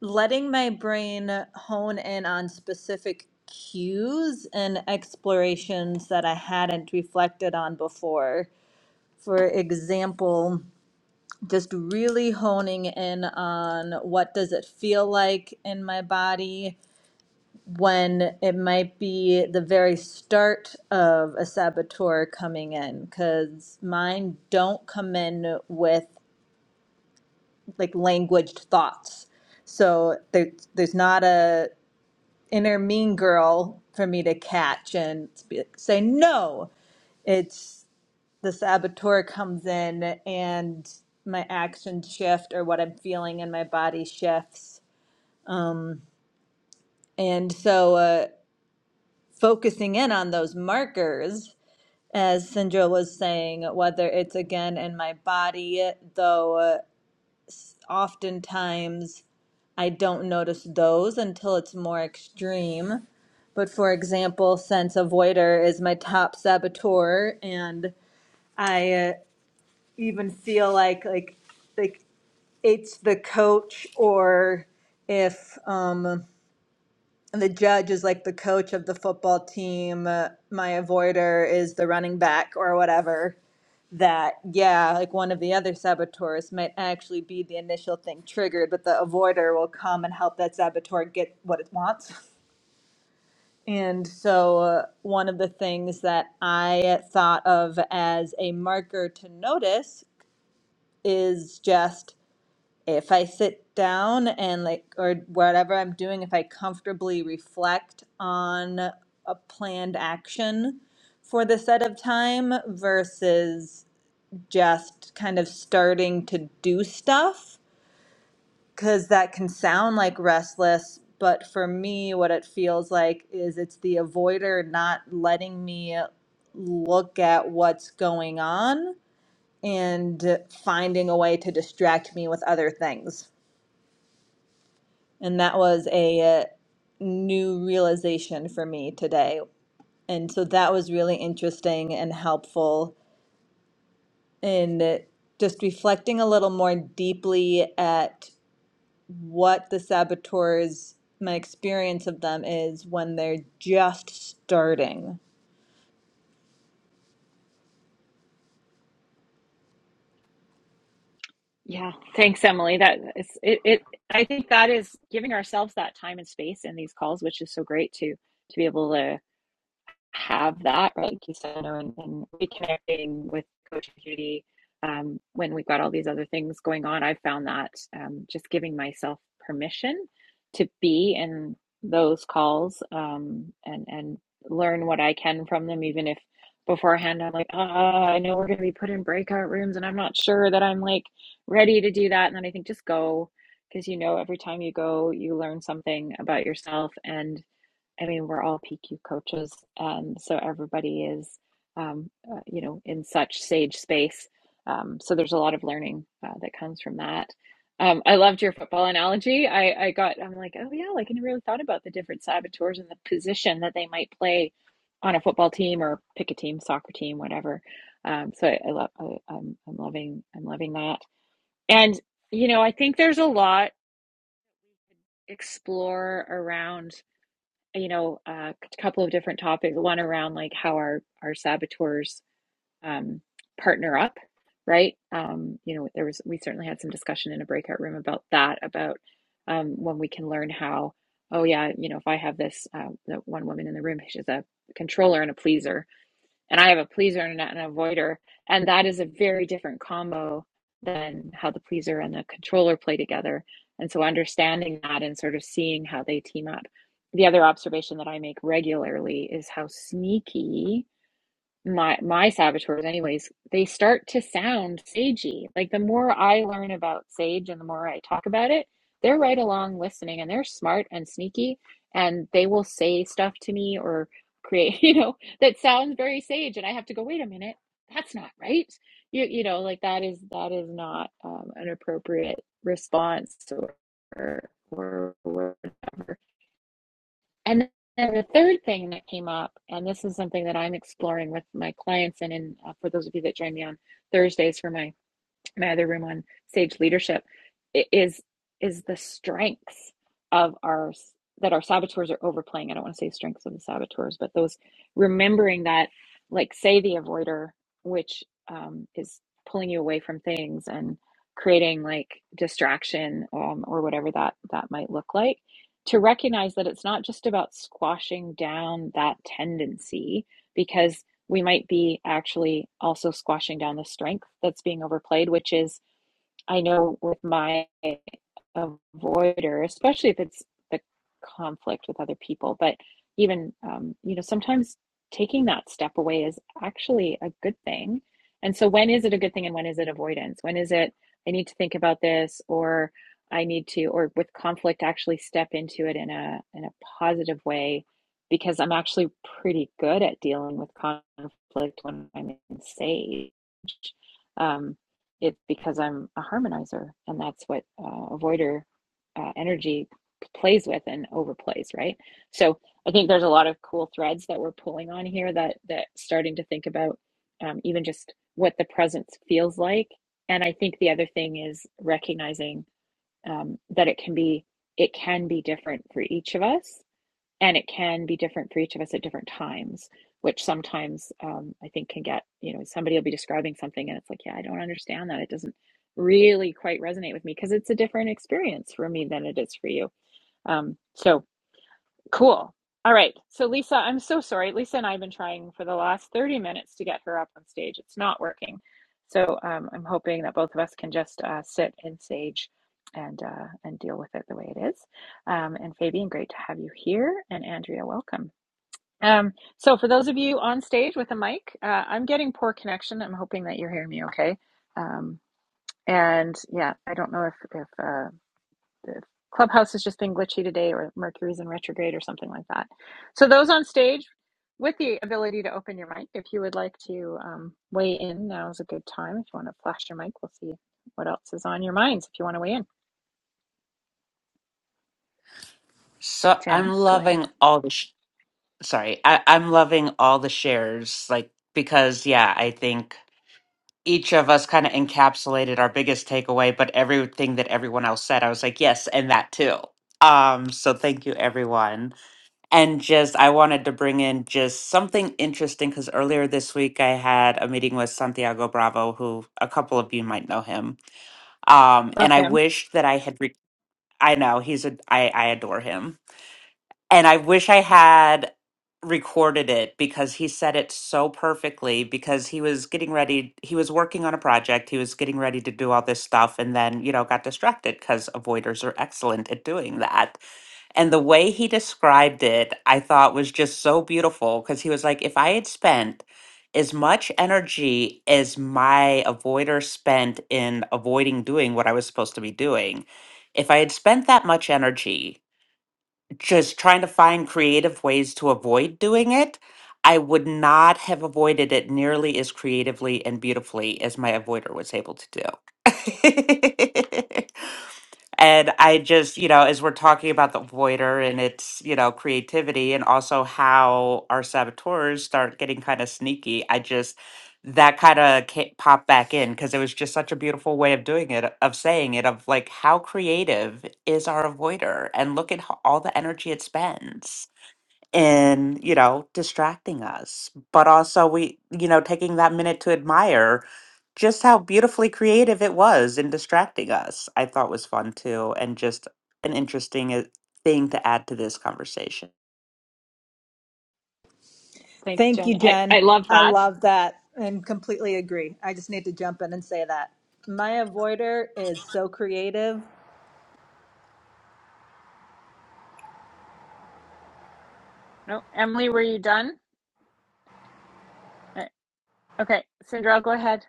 Speaker 5: letting my brain hone in on specific cues and explorations that I hadn't reflected on before. For example, just really honing in on what does it feel like in my body when it might be the very start of a saboteur coming in because mine don't come in with like languaged thoughts so there, there's not a inner mean girl for me to catch and be- say no it's the saboteur comes in and my actions shift or what I'm feeling in my body shifts. And so, uh, focusing in on those markers, as Sindra was saying, whether it's again in my body, though uh, oftentimes I don't notice those until it's more extreme. But for example, sense avoider is my top saboteur, and I uh, even feel like like like it's the coach or if um, the judge is like the coach of the football team, uh, my avoider is the running back or whatever, that, yeah, like one of the other saboteurs might actually be the initial thing triggered, but the avoider will come and help that saboteur get what it wants. And so, uh, one of the things that I thought of as a marker to notice is just if I sit down and like, or whatever I'm doing, if I comfortably reflect on a planned action for the set of time versus just kind of starting to do stuff, because that can sound like restless. But for me, what it feels like is it's the avoider not letting me look at what's going on and finding a way to distract me with other things. And that was a uh, new realization for me today. And so that was really interesting and helpful in just reflecting a little more deeply at what the saboteurs, my experience of them is when they're just starting.
Speaker 1: Yeah, thanks, Emily. That is it, it. I think that is giving ourselves that time and space in these calls, which is so great to to be able to have that, right? Like you said, you know, and, and reconnecting with the coaching community um, when we've got all these other things going on. I've found that um, just giving myself permission to be in those calls um, and and learn what I can from them, even if beforehand I'm like, ah, I know we're going to be put in breakout rooms, and I'm not sure that I'm like ready to do that. And then I think just go because you know every time you go, you learn something about yourself and I mean, we're all PQ coaches, and so everybody is, um, uh, you know, in such sage space. Um, so there's a lot of learning uh, that comes from that. Um, I loved your football analogy. I, I got, I'm like, oh yeah, like I never really thought about the different saboteurs and the position that they might play on a football team or pick a team, soccer team, whatever. Um, so I, I love, I, I'm, I'm loving, I'm loving that. And you know, I think there's a lot explore around you know, a couple of different topics. One around like how our our saboteurs um, partner up, right? Um, you know, there was we certainly had some discussion in a breakout room about that, about um, when we can learn how. Oh yeah, you know, if I have this, uh, the one woman in the room, she's a controller and a pleaser, and I have a pleaser and an avoider, and that is a very different combo than how the pleaser and the controller play together. And so understanding that and sort of seeing how they team up. The other observation that I make regularly is how sneaky my my saboteurs anyways they start to sound sagey like the more i learn about sage and the more i talk about it they're right along listening and they're smart and sneaky and they will say stuff to me or create (laughs) you know that sounds very sage and i have to go wait a minute that's not right you you know like that is that is not um, an appropriate response or or whatever and then the third thing that came up, and this is something that I'm exploring with my clients, and in, uh, for those of you that join me on Thursdays for my my other room on sage leadership is is the strengths of our that our saboteurs are overplaying i don't want to say strengths of the saboteurs but those remembering that like say the avoider which um, is pulling you away from things and creating like distraction um, or whatever that that might look like to recognize that it's not just about squashing down that tendency because we might be actually also squashing down the strength that's being overplayed, which is I know with my avoider, especially if it's the conflict with other people, but even, um, you know, sometimes taking that step away is actually a good thing. And so, when is it a good thing and when is it avoidance? When is it, I need to think about this or I need to, or with conflict, actually step into it in a, in a positive way because I'm actually pretty good at dealing with conflict when I'm in sage. Um, it's because I'm a harmonizer, and that's what uh, avoider uh, energy plays with and overplays, right? So I think there's a lot of cool threads that we're pulling on here that that starting to think about um, even just what the presence feels like. And I think the other thing is recognizing um, that it can be it can be different for each of us and it can be different for each of us at different times which sometimes um, i think can get you know somebody will be describing something and it's like yeah i don't understand that it doesn't really quite resonate with me because it's a different experience for me than it is for you um, so Cool. All right. So, Lisa, I'm so sorry. Lisa and I have been trying for the last 30 minutes to get her up on stage. It's not working. So, um, I'm hoping that both of us can just uh, sit in sage and uh, and deal with it the way it is. Um, and Fabian, great to have you here. And Andrea, welcome. Um, so, for those of you on stage with a mic, uh, I'm getting poor connection. I'm hoping that you're hearing me okay. Um, and yeah, I don't know if if uh, the clubhouse has just been glitchy today or mercury's in retrograde or something like that so those on stage with the ability to open your mic if you would like to um, weigh in now is a good time if you want to flash your mic we'll see what else is on your minds if you want to weigh in
Speaker 3: So I'm
Speaker 1: jen go ahead
Speaker 3: loving all this. sorry I, i'm loving all the shares like because yeah i think each of us kind of encapsulated our biggest takeaway but everything that everyone else said i was like yes and that too um so thank you everyone and just i wanted to bring in just something interesting because earlier this week i had a meeting with santiago bravo who a couple of you might know him um and
Speaker 1: love
Speaker 3: i
Speaker 1: him
Speaker 3: wish that i had re- i know he's a i i adore him and I wish I had recorded it because he said it so perfectly because he was getting ready he was working on a project he was getting ready to do all this stuff and then you know got distracted because avoiders are excellent at doing that and the way he described it i thought was just so beautiful because he was like if i had spent as much energy as my avoider spent in avoiding doing what i was supposed to be doing if i had spent that much energy just trying to find creative ways to avoid doing it, I would not have avoided it nearly as creatively and beautifully as my avoider was able to do. (laughs) And I just, you know, as we're talking about the voider and its, you know, creativity and also how our saboteurs start getting kind of sneaky, I just, that kind of popped back in because it was just such a beautiful way of doing it, of saying it, of like, how creative is our avoider? And look at ho- all the energy it spends in, you know, distracting us. But also, we, you know, taking that minute to admire just how beautifully creative it was in distracting us, I thought was fun too, and just an interesting uh, thing to add to this conversation.
Speaker 1: thanks
Speaker 5: Thank
Speaker 1: jen
Speaker 5: you,
Speaker 1: i, I
Speaker 5: Jen.
Speaker 1: love
Speaker 5: I
Speaker 1: that
Speaker 5: love that and completely agree. I just need to jump in and say that. My avoider is so creative
Speaker 1: no emily were you done Uh, okay sandra go ahead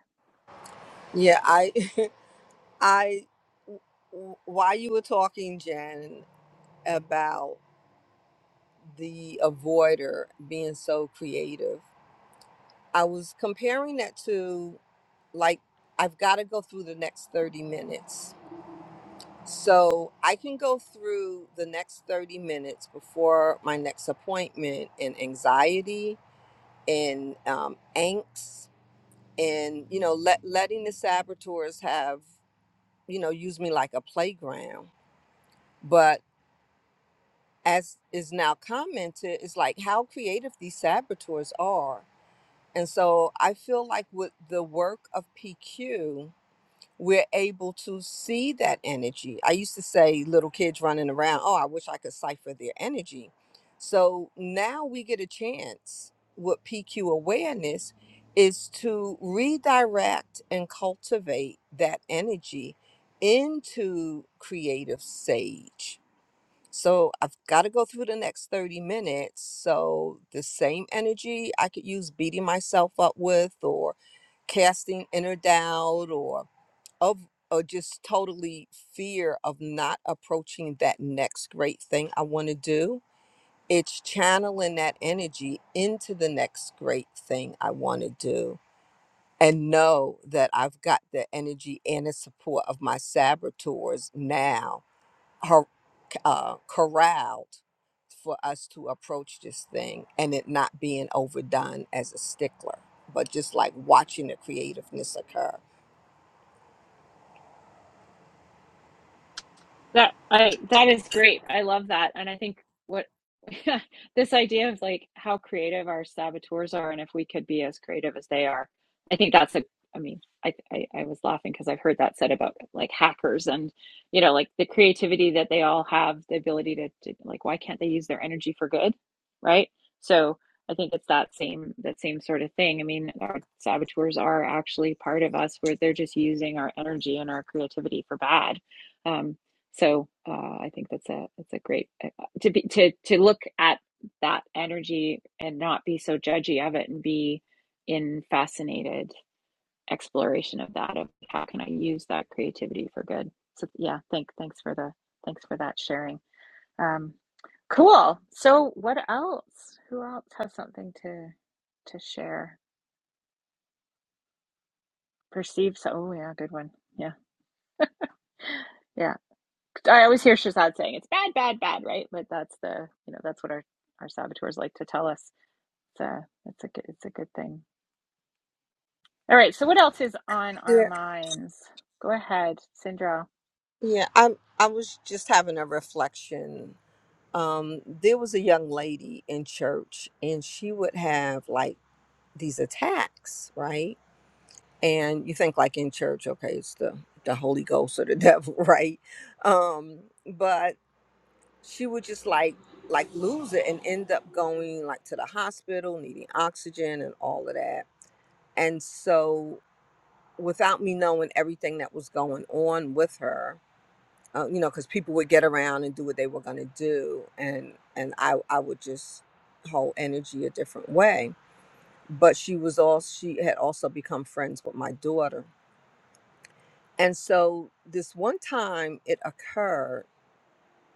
Speaker 4: Yeah, I, (laughs) I, w- while you were talking, Jen, about the avoider being so creative, I was comparing that to like, I've got to go through the next 30 minutes. So I can go through the next 30 minutes before my next appointment and anxiety and um, angst and, you know, let, letting the saboteurs have you know, use me like a playground. But as is now commented, it's like how creative these saboteurs are. And so I feel like with the work of PQ, we're able to see that energy. I used to say little kids running around, oh, I wish I could cipher their energy. So now we get a chance with PQ awareness is to redirect and cultivate that energy into creative sage. So I've got to go through the next 30 minutes. So the same energy I could use beating myself up with or casting inner doubt or of or just totally fear of not approaching that next great thing I want to do. It's channeling that energy into the next great thing I want to do and know that I've got the energy and the support of my saboteurs now har- uh, corralled for us to approach this thing and it not being overdone as a stickler, but just like watching the creativeness occur.
Speaker 1: That I that is great. I love that. And I think what (laughs) this idea of like how creative our saboteurs are and if we could be as creative as they are. I think that's a I mean, I I, I was laughing because I've heard that said about like hackers and you know, like the creativity that they all have, the ability to, to like why can't they use their energy for good? Right? So I think it's that same that same sort of thing. I mean, our saboteurs are actually part of us where they're just using our energy and our creativity for bad. Um, so uh, I think that's a that's a great uh, to be to to look at that energy and not be so judgy of it and be in fascinated exploration of that of how can I use that creativity for good. So yeah, thank thanks for the thanks for that sharing. Um, cool. So what else? Who else has something to to share? Perceive so. Oh yeah, good one. Yeah. yeah. I always hear Shazad saying it's bad, bad, bad, right? But that's the you know that's what our our saboteurs like to tell us. It's a it's a good, it's a good thing. All right. So what else is on our minds? Go ahead, Sindral.
Speaker 4: Yeah, I I was just having a reflection. Um, there was a young lady in church, and she would have like these attacks, right? And you think like in church, okay, it's the the Holy Ghost or the (laughs) devil, right? Um, but she would just like like lose it and end up going like to the hospital, needing oxygen and all of that. And so, without me knowing everything that was going on with her, uh, you know, because people would get around and do what they were going to do, and and I I would just hold energy a different way. But she was all she had also become friends with my daughter, and so this one time it occurred.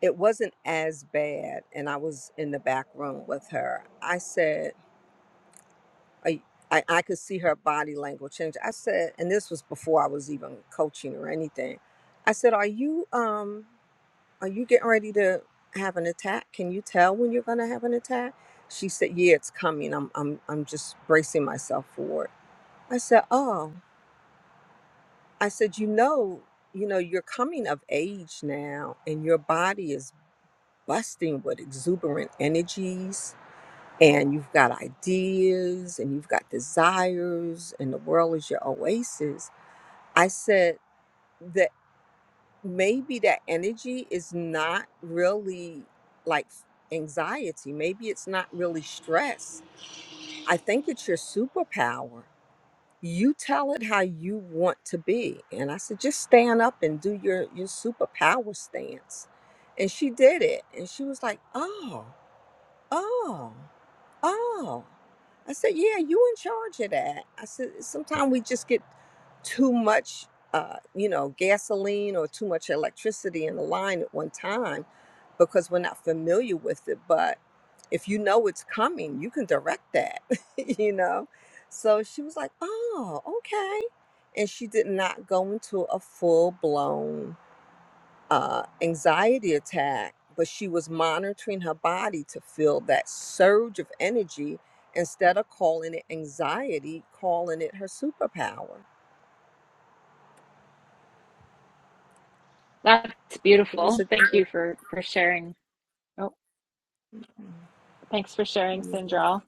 Speaker 4: It wasn't as bad, and I was in the back room with her. I said, I, I, I could see her body language change. I said, and this was before I was even coaching or anything. I said, "Are you um?" Are you getting ready to have an attack? Can you tell when you're gonna have an attack? She said, Yeah, it's coming. I'm I'm I'm just bracing myself for it. I said, Oh. I said, you know, you know, you're coming of age now and your body is busting with exuberant energies and you've got ideas and you've got desires and the world is your oasis. I said the maybe that energy is not really like anxiety. Maybe it's not really stress. I think it's your superpower. You tell it how you want to be. And I said, just stand up and do your, your superpower stance. And she did it. And she was like, oh, oh. Oh, I said, yeah, you in charge of that. I said, sometimes we just get too much, uh, you know, gasoline or too much electricity in the line at one time because we're not familiar with it. But if you know it's coming, you can direct that, (laughs) you know? So she was like, oh, okay. And she did not go into a full blown uh, anxiety attack, but she was monitoring her body to feel that surge of energy instead of calling it anxiety, calling it her superpower.
Speaker 1: That's
Speaker 4: It was a
Speaker 1: beautiful.
Speaker 4: it
Speaker 1: Thank you for for sharing. Oh, thanks for sharing,
Speaker 4: yeah.
Speaker 1: Sindral.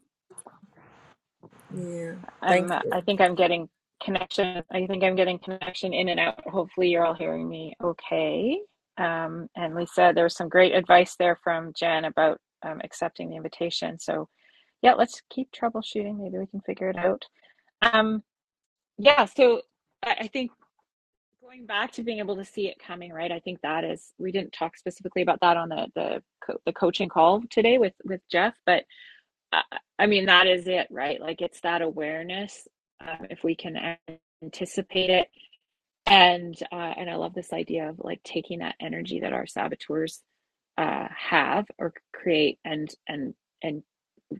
Speaker 4: yeah. Thank
Speaker 1: I'm uh,
Speaker 4: you.
Speaker 1: I think I'm getting connection. I think I'm getting connection in and out. Hopefully, you're all hearing me okay. Um, and Lisa, there was some great advice there from Jen about um, accepting the invitation. So Yeah, let's keep troubleshooting. Maybe we can figure it out. Um, yeah, so I, I think going back to being able to see it coming, right? I think that is we didn't talk specifically about that on the the co- the coaching call today with with Jeff, but I, I mean that is it, right? Like it's that awareness. Um, if we can anticipate it, and uh, and I love this idea of like taking that energy that our saboteurs uh, have or create and and and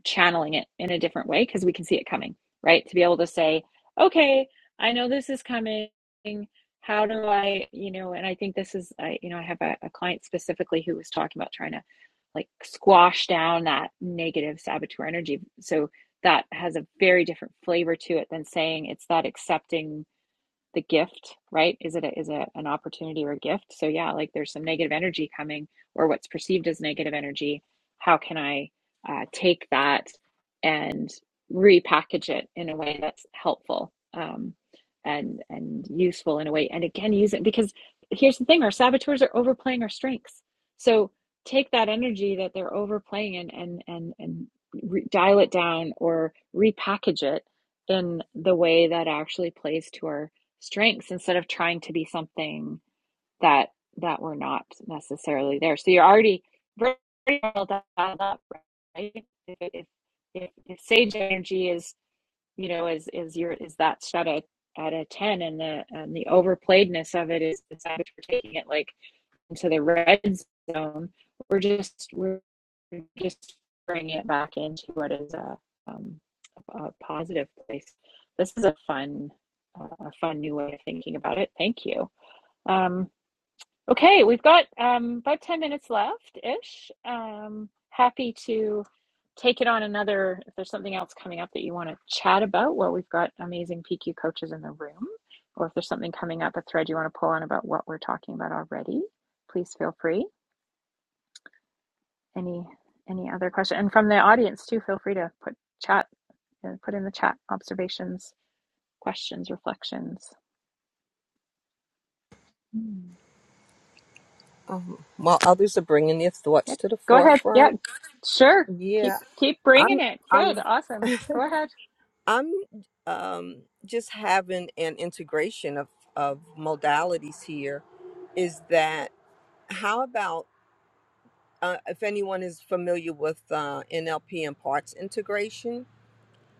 Speaker 1: channeling it in a different way because we can see it coming, right? To be able to say, okay, I know this is coming. How do I, you know, and I think this is, I, you know, I have a, a client specifically who was talking about trying to like squash down that negative saboteur energy. So that has a very different flavor to it than saying it's that accepting the gift, right? Is it a, is it an opportunity or a gift? So yeah, like there's some negative energy coming or what's perceived as negative energy. How can I uh, take that and repackage it in a way that's helpful um, and and useful in a way? And again, use it because here's the thing: our saboteurs are overplaying our strengths. So take that energy that they're overplaying and and and and re- dial it down or repackage it in the way that actually plays to our strengths instead of trying to be something that that we're not necessarily there. So you're already very well dialed up, right? If, if, if sage energy is you know is is your is that shut at at a ten, and the and the overplayedness of it is the saboteur taking it like into the red zone, we're just we're just bringing it back into what is a, um, a positive place. This is a fun, uh, a fun new way of thinking about it. Thank you. Um, Okay, we've got um, about 10 minutes left ish. Um, happy to take it on another if there's something else coming up that you want to chat about. Well, we've got amazing PQ coaches in the room, or if there's something coming up, a thread you want to pull on about what we're talking about already, please feel free. Any any other question? And from the audience too, feel free to put chat uh, put in the chat observations, questions, reflections. Hmm.
Speaker 4: Um, while others are bringing their thoughts
Speaker 1: Yep.
Speaker 4: to the
Speaker 1: Go ahead. Yeah,
Speaker 4: forefront,
Speaker 1: sure. Keep
Speaker 4: yeah,
Speaker 1: keep bringing
Speaker 4: I'm
Speaker 1: it. Good.
Speaker 4: I'm
Speaker 1: Awesome. Go ahead.
Speaker 4: I'm um, just having an integration of of modalities here. Is that how about uh, if anyone is familiar with uh, NLP and parts integration,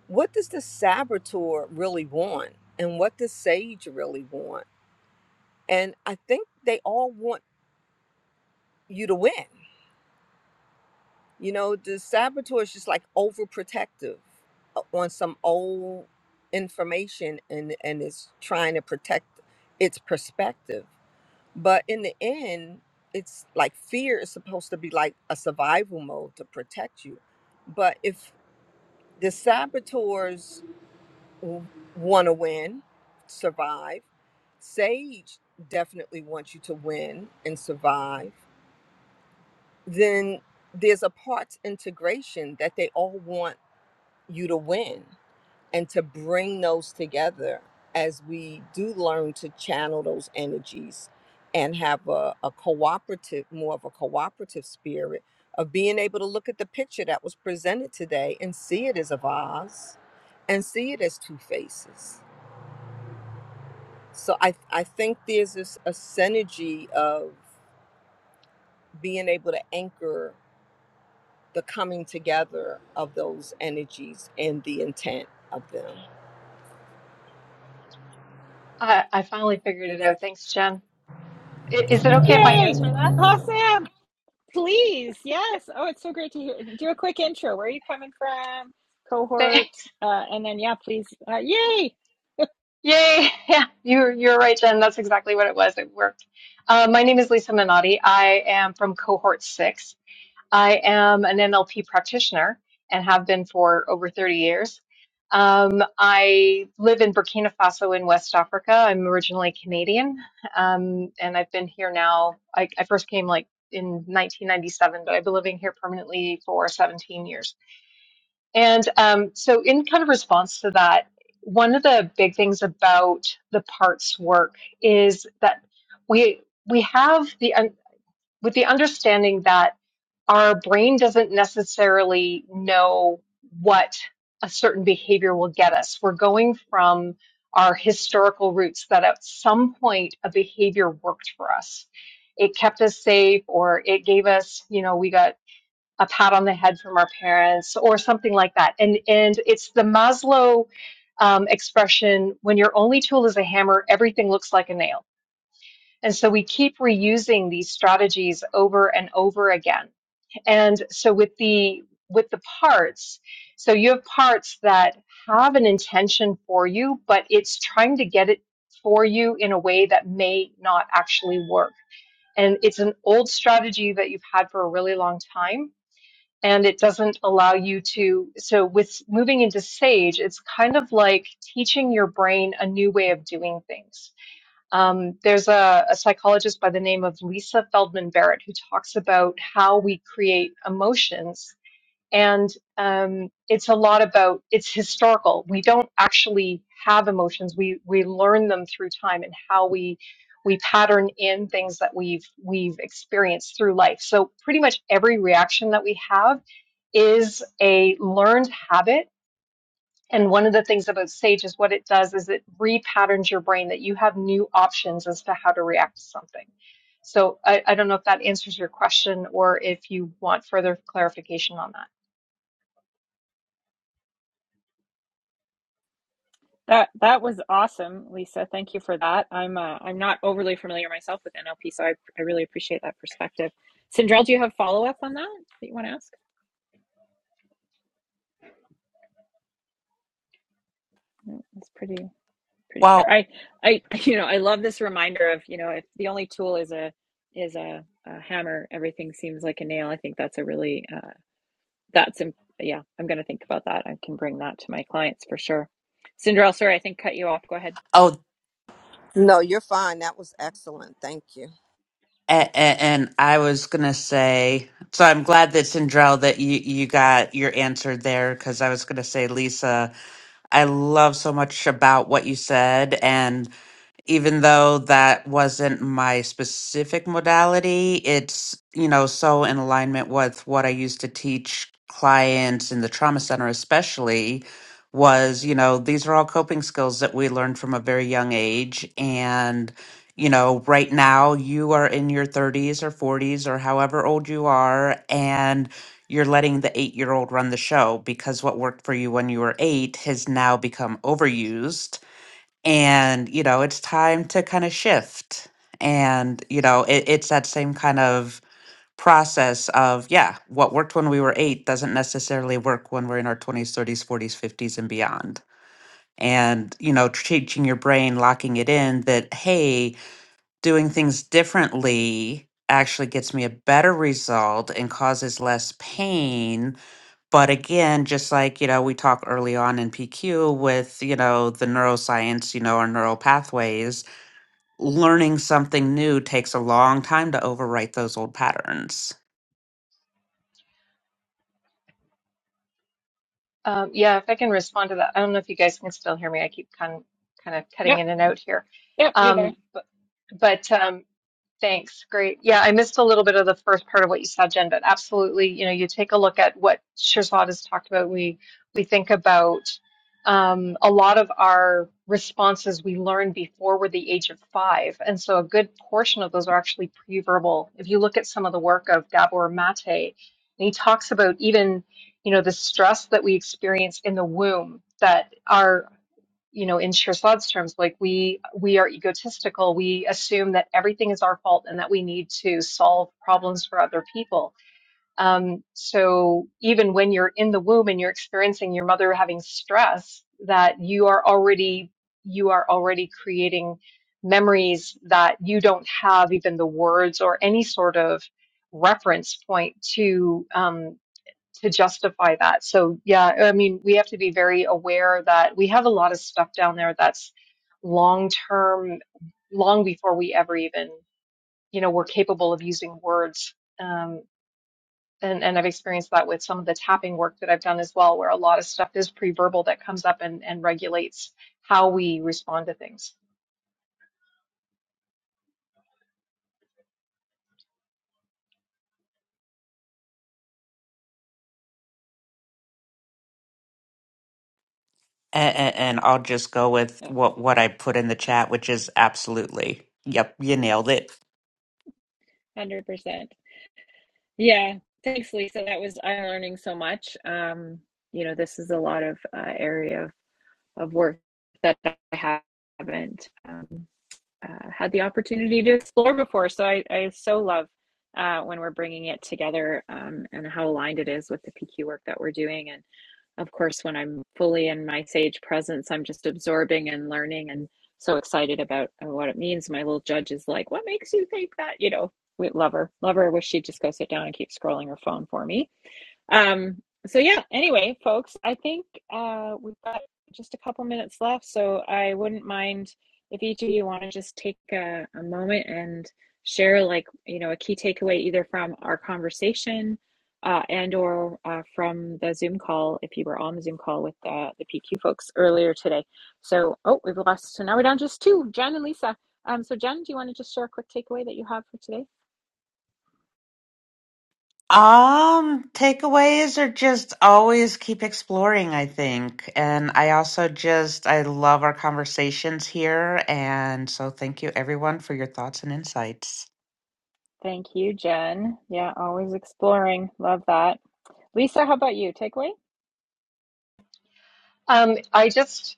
Speaker 4: what does the saboteur really want? And what does Sage really want? And I think they all want you to win. You know, the saboteur is just like overprotective uh, on some old information and, and is trying to protect its perspective. But in the end, it's like fear is supposed to be like a survival mode to protect you. But if the saboteurs want to win, survive. Sage definitely wants you to win and survive. Then there's a parts integration that they all want you to win and to bring those together as we do learn to channel those energies and have a, a cooperative, more of a cooperative spirit of being able to look at the picture that was presented today and see it as a vase and see it as two faces. So I, I think there's this a synergy of being able to anchor the coming together of those energies and the intent of them.
Speaker 6: I, I finally figured it out. Thanks, Jen. I- Is it okay if I
Speaker 1: Yay!
Speaker 6: answer that?
Speaker 1: Awesome. Please. Yes. Oh, it's so great to hear. Do a quick intro. Where are you coming from? Cohort.
Speaker 6: Thanks.
Speaker 1: Uh, and then yeah, please. Uh, yay!
Speaker 6: (laughs) Yay. Yeah, you're, you're right, Jen. That's exactly what it was. It worked. Uh, my name is Lisa Minotti. I am from cohort six. I am an NLP practitioner and have been for over 30 years. Um, I live in Burkina Faso in West Africa. I'm originally Canadian, um, and I've been here now. I, I first came like in 1997, but I've been living here permanently for 17 years. And um, so, in kind of response to that, one of the big things about the parts work is that we we have the un- with the understanding that our brain doesn't necessarily know what a certain behavior will get us. We're going from our historical roots that at some point a behavior worked for us. It kept us safe or it gave us, you know, we got a pat on the head from our parents or something like that. And and it's the Maslow um, expression: when your only tool is a hammer, everything looks like a nail. And so we keep reusing these strategies over and over again. And so with the with the parts, so you have parts that have an intention for you, but it's trying to get it for you in a way that may not actually work. And it's an old strategy that you've had for a really long time and it doesn't allow you to. So, with moving into Sage, it's kind of like teaching your brain a new way of doing things. Um, there's a, a psychologist by the name of Lisa Feldman Barrett who talks about how we create emotions. And um, it's a lot about it's historical. We don't actually have emotions. We we learn them through time and how we we pattern in things that we've we've experienced through life. So pretty much every reaction that we have is a learned habit. And one of the things about SAGE is what it does is it repatterns your brain that you have new options as to how to react to something. So I, I don't know if that answers your question or if you want further clarification on that.
Speaker 1: That that was awesome, Lisa. Thank you for that. I'm uh, I'm not overly familiar myself with NLP, so I I really appreciate that perspective. Sindrell, do you have follow up on that that you want to ask? No, that's pretty. pretty clear.
Speaker 3: Well,
Speaker 1: I, I, you know, I love this reminder of, you know, if the only tool is a is a, a hammer, everything seems like a nail. I think that's a really uh, that's yeah. I'm going to think about that. I can bring that to my clients for sure. Cinderella, sorry, I think cut you off. Go ahead.
Speaker 3: oh,
Speaker 4: No, you're fine. That was excellent. Thank you.
Speaker 3: and, and I was gonna say, so I'm glad that Sindrell that you you got your answer there because I was gonna say, Lisa, I love so much about what you said, even though that wasn't my specific modality, it's, you know, so in alignment with what I used to teach clients in the trauma center, especially, was, you know, these are all coping skills that we learned from a very young age. And, you know, right now you are in your 30s or 40s or however old you are, and you're letting the eight year old run the show because what worked for you when you were eight has now become overused and you know it's time to kind of shift and you know it, it's that same kind of process of yeah what worked when we were eight doesn't necessarily work when we're in our 20s 30s 40s 50s and beyond and you know teaching your brain locking it in that hey doing things differently actually gets me a better result and causes less pain but again, just like, you know, we talk early on in PQ with, you know, the neuroscience, you know, our neural pathways, learning something new takes a long time to overwrite those old patterns.
Speaker 6: Um, yeah, if I can respond to that, I don't know if you guys can still hear me. I keep kind of, kind of cutting
Speaker 1: Yep,
Speaker 6: in and out here.
Speaker 1: yep, you're there.
Speaker 6: Um, but, but um, Thanks. Great. Yeah, I missed a little bit of the first part of what you said, Jen, but absolutely, you know, you take a look at what Shirzad has talked about. We we think about um, a lot of our responses we learn before we're the age of five, and so a good portion of those are actually pre-verbal. If you look at some of the work of Gabor Mate, and he talks about even, you know, the stress that we experience in the womb, that our you know in Scherzad's terms like we we are egotistical we assume that everything is our fault and that we need to solve problems for other people um, so even when you're in the womb and you're experiencing your mother having stress that you are already you are already creating memories that you don't have even the words or any sort of reference point to um, to justify that. So yeah, I mean, we have to be very aware that we have a lot of stuff down there that's long term, long before we ever even, you know, we're capable of using words. Um, and, and I've experienced that with some of the tapping work that I've done as well, where a lot of stuff is pre-verbal that comes up and, and regulates how we respond to things.
Speaker 3: And, and I'll just go with
Speaker 1: Oh, one
Speaker 3: what, what I put in the chat, which is absolutely. Yep, you nailed it.
Speaker 1: Hundred percent. Yeah, thanks, Lisa. That was I'm learning so much. Um, you know, this is a lot of uh, area of, of work that I haven't. um, uh, had the opportunity to explore before. So I, I so love uh, when we're bringing it together um, and how aligned it is with the PQ work that we're doing. And of course, when I'm fully in my sage presence, I'm just absorbing and learning and so excited about uh, what it means. My little judge is like, What makes you think that? You know, we love her. Love her. I wish she'd just go sit down and keep scrolling her phone for me. Um, so yeah, anyway, folks, I think uh, we've got just a couple minutes left, so I wouldn't mind if each of you want to just take a, a moment and share like, you know, a key takeaway either from our conversation uh, and or uh, from the Zoom call, if you were on the Zoom call with uh, the PQ folks earlier today. So, oh, we've lost, so now we're down just two, Jen and Lisa. Um, so Jen, do you want to just share a quick takeaway that you have for today?
Speaker 3: Um, takeaways are just always keep exploring, I think. And I also just, I love our conversations here. And so thank you everyone for your thoughts and insights.
Speaker 1: Thank you, Jen. Yeah, always exploring. Love that. Lisa, how about you? Takeaway?
Speaker 6: Um, I just,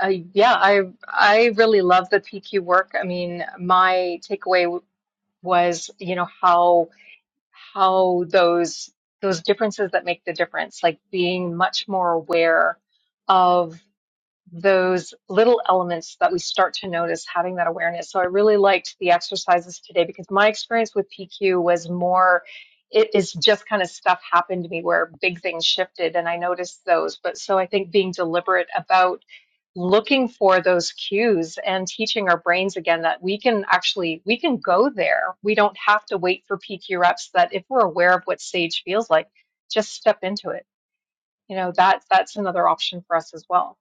Speaker 6: I, yeah, I I really love the PQ work. I mean, my takeaway w- was, you know, how how those those differences that make the difference, like being much more aware of those little elements that we start to notice, having that awareness. So I really liked the exercises today because my experience with PQ was more it is just kind of stuff happened to me where big things shifted and I noticed those. But so I think being deliberate about looking for those cues and teaching our brains again that we can actually we can go there we don't have to wait for pq reps that if we're aware of what stage feels like just step into it you know that that's another option for us as well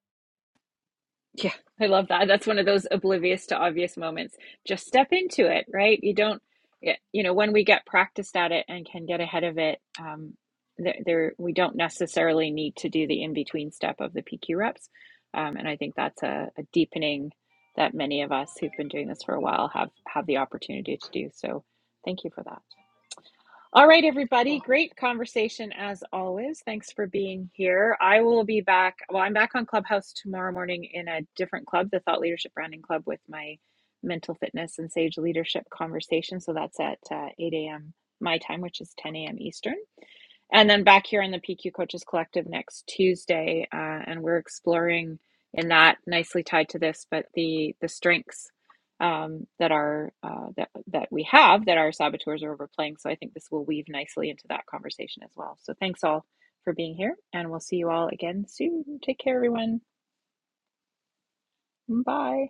Speaker 1: Yeah, I love that. That's one of those oblivious to obvious moments. Just step into it, right? You don't, yeah, you know, when we get practiced at it and can get ahead of it, um, there, there we don't necessarily need to do the in between step of the PQ reps. Um, and I think that's a, a deepening that many of us who've been doing this for a while have have the opportunity to do. So thank you for that. All right, everybody.
Speaker 6: Cool.
Speaker 1: Great conversation as always. Thanks for being here. I will be back. Well, I'm back on Clubhouse tomorrow morning in a different club, the Thought Leadership Branding Club, with my mental fitness and sage leadership conversation. So that's at uh, 8 a.m. my time, which is 10 a.m. Eastern. And then back here in the PQ Coaches Collective next Tuesday, uh, and we're exploring in that nicely tied to this, but the the strengths um, that are uh, that that we have that our saboteurs are overplaying. So I think this will weave nicely into that conversation as well. So thanks all for being here, and we'll see you all again soon. Take care, everyone. Bye.